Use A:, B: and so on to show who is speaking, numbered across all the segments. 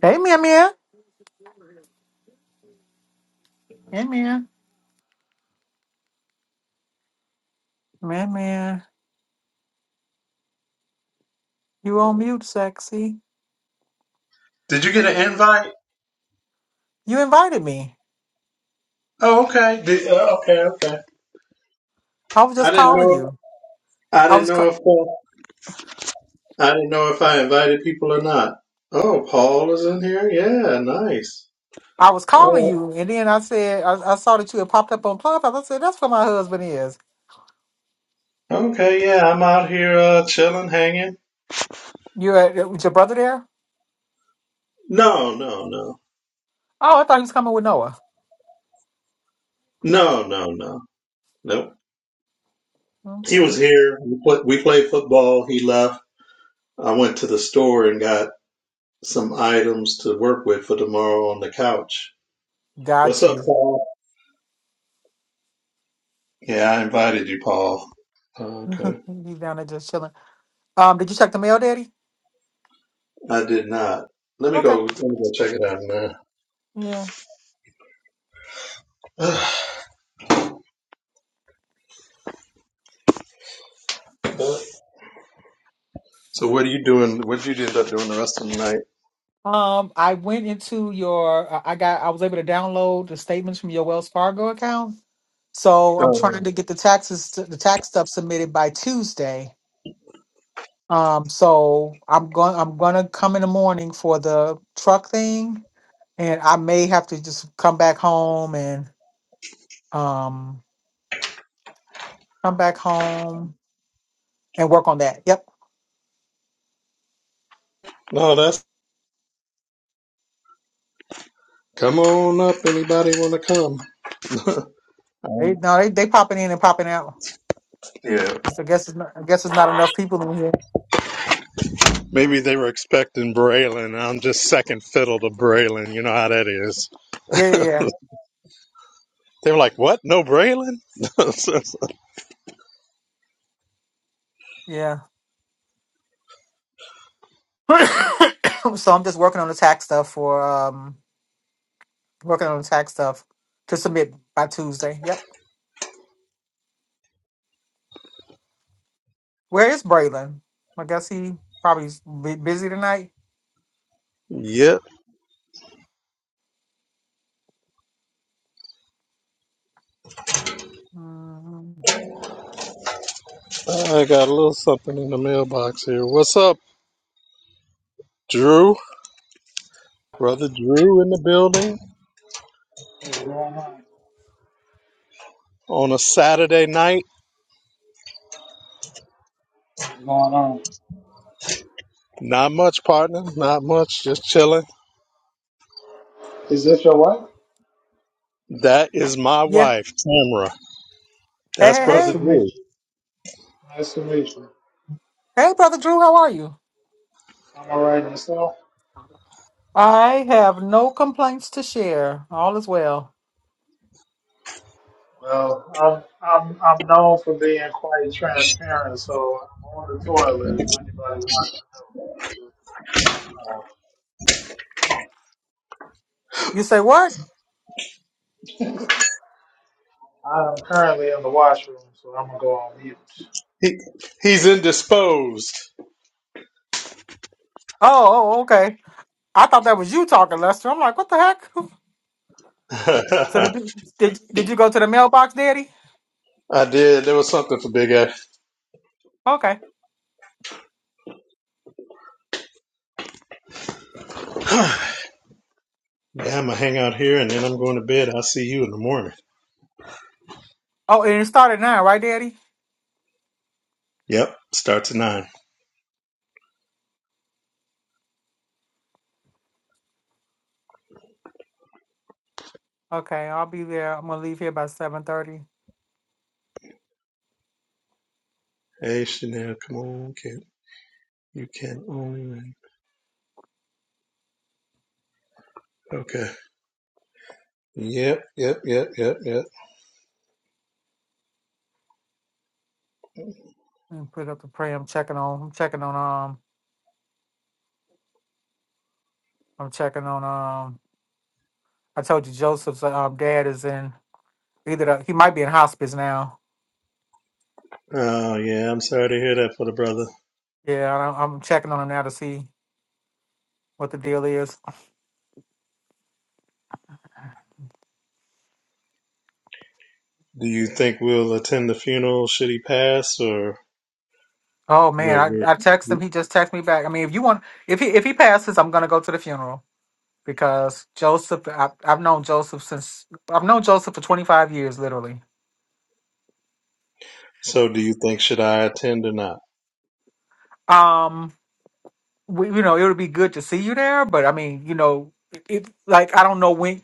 A: Hey, Mia Mia. Hey, Mia. Mia Mia. You on mute, sexy.
B: Did you get an invite?
A: You invited me.
B: Oh, okay. Did, uh, okay, okay.
A: I was
B: I
A: just
B: didn't
A: calling
B: know.
A: you.
B: I
A: I
B: didn't
A: was
B: know
A: ca-
B: if uh, I didn't know if I invited people or not. Oh, Paul is in here. Yeah, nice.
A: I was calling
B: Oh,
A: you, and then I said I, I saw that you had popped up on Clubhouse. I said that's where my husband is.
B: okay. Yeah, I'm out here uh, chilling, hanging.
A: You at, with your brother there?
B: No, no, no,
A: Oh, I thought he was coming with Noah.
B: no, no, no, nope. He was
A: Okay,
B: here. We, play, we played football. He left. I went to the store and got some items to work with for tomorrow on the couch. What's
A: got
B: up,
A: you.
B: Paul? Yeah, I invited you, Paul. Oh, okay.
A: He's down there just chilling. Um, did you check the mail, Daddy?
B: I did not. Let me
A: Okay.
B: go. Let me go check it out, man.
A: Yeah.
B: so, what are you doing? What did you end up doing the rest of the night?
A: Um, I went into your. I I got. I was able to download the statements from your Wells Fargo account So I'm trying
B: Um,
A: to get the taxes, the tax stuff submitted by Tuesday. Um, so I'm going, I'm gonna come in the morning for the truck thing, and I may have to just come back home and um come back home and work on that. Yep.
B: no, that's come on up. Anybody want to come?
A: They
B: Um,
A: no, they they popping in and popping out.
B: yeah.
A: It's, I guess it's not, I guess it's not enough people in here.
B: Maybe they were expecting Braylon. and I'm just second fiddle to Braylon. You know how that is.
A: Yeah,
B: They were like, "What? No Braylon?"
A: yeah, yeah. so I'm just working on the tax stuff for um working on the tax stuff to submit by Tuesday. Yep. Where is Braylon? I guess he probably bu- busy tonight.
B: yep.
A: Mm,
B: I got a little something in the mailbox here. What's up, Drew? Brother Drew in the building
C: What's going on?
B: on a Saturday night.
C: What's going on?
B: Not much, partner. Not much. Just chilling.
C: Is this your wife?
B: That is my
A: yeah.
B: wife, Tamra.
A: Hey,
B: That's
A: hey,
C: Nice
B: brother
C: to
A: hey.
C: meet
B: Drew.
C: you. Nice to meet you.
A: Hey, Brother Drew, how are you?
C: I'm all right yourself.
A: I have no complaints to share. All is well.
C: Well, I'm I'm I'm known for being quite transparent, so I'm on the toilet if anybody wants to know. I'm just saying, uh,
A: You say what?
C: I am currently in the washroom, so I'm gonna go on mute.
B: He he's indisposed.
A: Oh, oh oh, okay. I thought that was you talking, Lester. I'm like, what the heck? So
B: I
A: did you, did, did you go to the mailbox, Daddy?
B: did. There was something for Big A.
A: Okay.
B: yeah, I'm gonna hang out here and then I'm going to bed. I'll see you in the morning.
A: Oh, and it started now, right, Daddy?
B: Yep. Starts at nine.
A: Okay, I'll be there. I'm gonna leave here by seven thirty
B: Hey Chanel, come on, kid. You can only win. Okay. Yep, yep, yep, yep, yep.
A: and put up the prayer. I'm checking on. I'm checking on. Um, I'm checking on. um, I told you Joseph's um, dad is in either the, he might be in hospice now.
B: Oh yeah, I'm sorry to hear that for the brother.
A: Yeah, I don't, I'm checking on him now to see what the deal is.
B: Do you think we'll attend the funeral should he pass or
A: Oh
B: we're
A: man,
B: we'll
A: I, I text him. He just texted me back. I mean, if you want, if he if he passes, I'm gonna go to the funeral because Joseph. I, I've known Joseph since I've known Joseph for 25 years, literally.
B: So do you think should I attend or not?
A: Um, we, you know, it would be good to see you there, but I mean, you know, it, like I don't know when.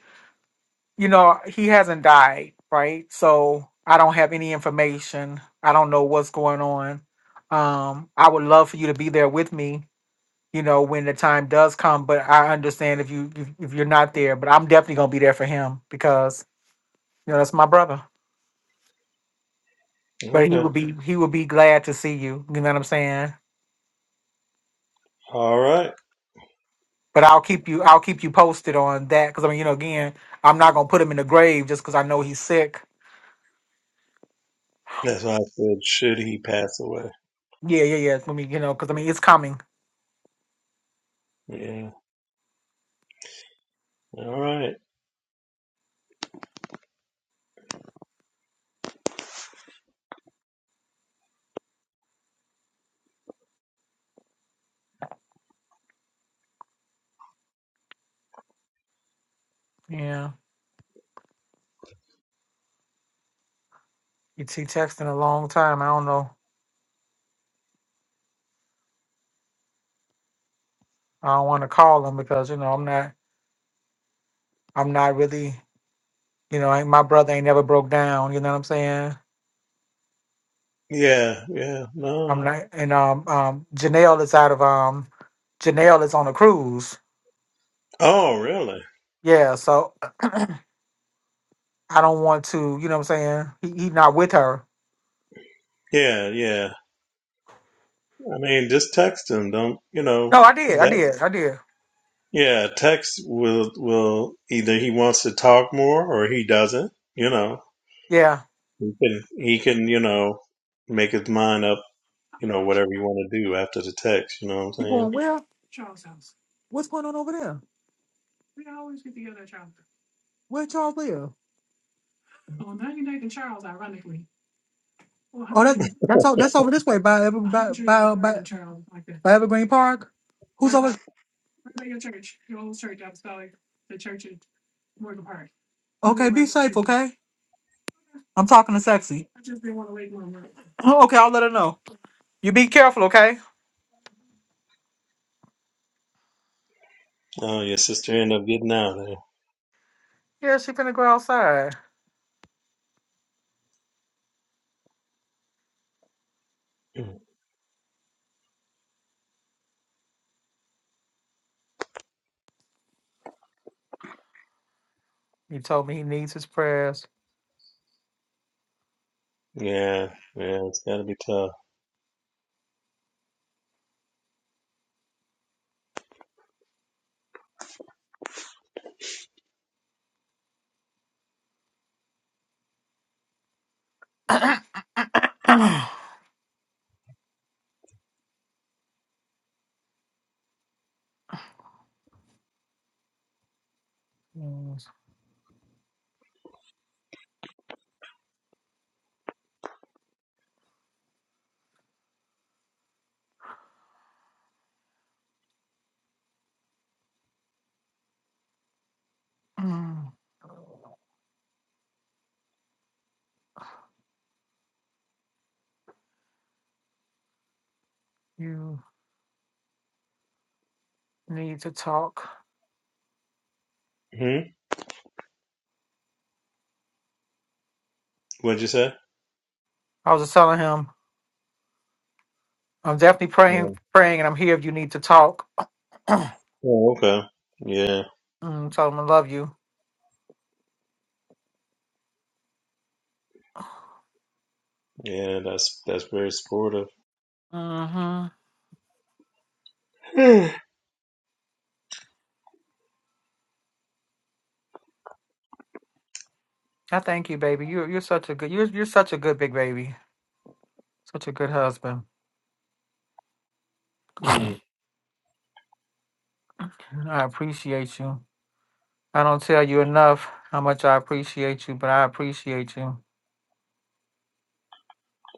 A: you know, he hasn't died, right? So I don't have any information. I don't know what's going on. Um, I would love for you to be there with me, you know, when the time does come. But I understand if you if, if you're not there. But I'm definitely gonna be there for him because you know that's my brother. But he
B: Okay.
A: would be he would be glad to see you. You know what I'm saying?
B: All right.
A: But I'll keep you I'll keep you posted on that because I mean you know again I'm not gonna put him in the grave just because I know he's sick.
B: That's why I said should he pass away.
A: Yeah, yeah, yeah. I mean you know because I mean it's coming.
B: Yeah. All right.
A: Yeah. ET texting a long time. I don't know. I don't want to call him because you know I'm not. I'm not really. You know, ain't- my brother ain't never broke down. You know what I'm saying?
B: Yeah, yeah, no.
A: I'm not. And um, um, Janelle is out of um, Janelle is on a cruise.
B: Oh, really?
A: Yeah, so I don't want to. You know what I'm saying? He he not with her.
B: Yeah, yeah. I mean, just text him. Don't, you know,
A: No, I did. I
B: that
A: did. I did.
B: yeah, text will will either he wants to talk more or he doesn't, you know.
A: Yeah.
B: He can he can, you know, make his mind up, you know, whatever you want to do after the text, you know what I'm
A: You
B: saying?
A: going where? What's going on over there? Where y'all live? Oh, that, that's all. That's over this way by Ever by by by, by Evergreen Park. Who's over? Okay, be safe, okay? I'm talking to sexy. okay, I'll let her know. You be careful, okay?
B: Oh, your sister ended up getting out of
A: Yeah, she finna go outside.
B: there.
A: He told me he needs his prayers.
B: Yeah, yeah, it's gotta be tough.
A: Yes. Mm, you need to talk.
B: Hmm? What'd you say?
A: I was just telling him, I'm definitely
B: Yeah.
A: praying, praying, and I'm here if you need to talk.
B: Oh, okay. Yeah,
A: Mm, told him I love you.
B: yeah, that's that's very supportive.
A: Mm-hmm. I thank you, baby. You're you're such a good you're you're such a good big baby. Such a good husband.
B: Hmm.
A: I appreciate you. I don't tell you enough how much I appreciate you, but I appreciate you.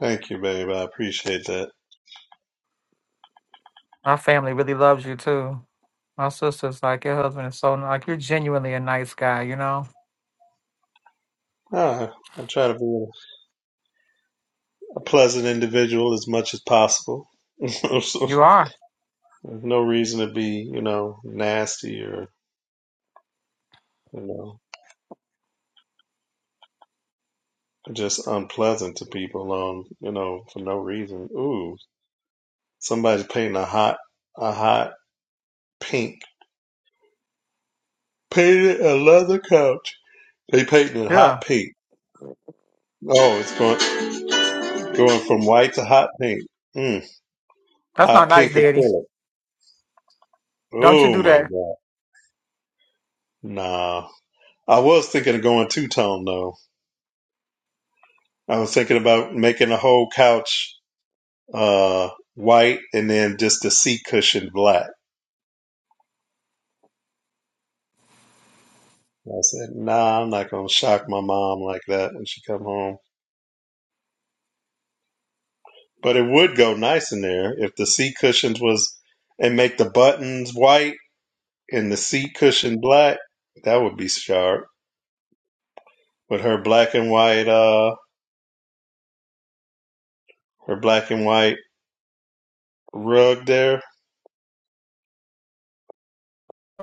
B: Thank you, babe. I appreciate that.
A: My family really loves you too. My sister's like, your husband is so like you're genuinely a nice guy, you know?
B: Ah, I try to be a pleasant individual as much as possible. There's
A: You are.
B: no reason to be, you know, nasty or, you know, just unpleasant to people on, you know, for no reason. Ooh, somebody's painting a hot, a hot pink. Painted a leather couch. They painting it hot
A: Yeah.
B: pink. Oh, it's going going from white to hot pink. Mm,
A: That's
B: hot
A: not nice,
B: pink
A: Daddy.
B: acrylic.
A: Don't you
B: Oh
A: do
B: my
A: that.
B: god. Nah. I was thinking of going two tone though. I was thinking about making the whole couch uh white and then just the seat cushion black. I said, nah, I'm not gonna shock my mom like that when she come home. But it would go nice in there if the seat cushions was and make the buttons white and the seat cushion black. That would be sharp. with her black and white uh her black and white rug there.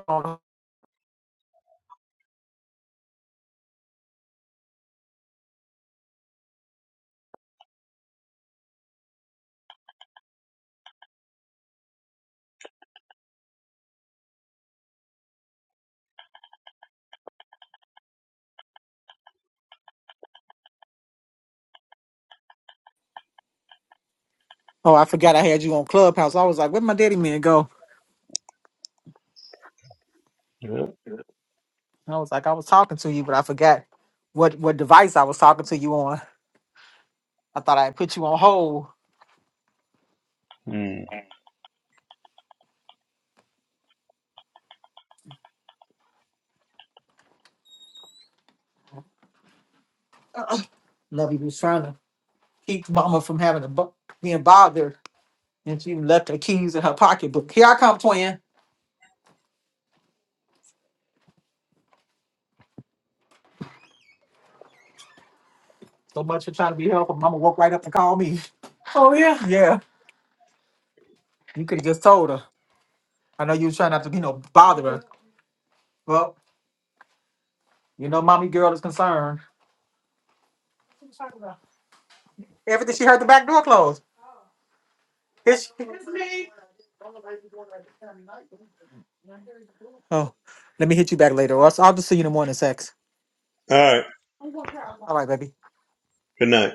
A: Oh, I forgot I had you on Clubhouse. I was like, where would my daddy man go?
B: Yep.
A: And I was like, I was talking to you, but I forgot what what device I was talking to you on. I thought I had put you on hold.
B: Mm.
A: Lovey was trying to keep Mama from having to bu- being bothered, and she left her keys in her pocketbook. Here I come, twin. So much for trying to be helpful. Mama walked right up and called me. Oh yeah, yeah. You could have just told her. I know you was trying not to, you know, bother her. Well, you know, mommy girl is concerned. Everything she heard the back door close. Here she- It's me. Oh, let me hit you back later. Or else I'll just see you in the morning, sex.
B: All right.
A: All right, baby.
B: Good night.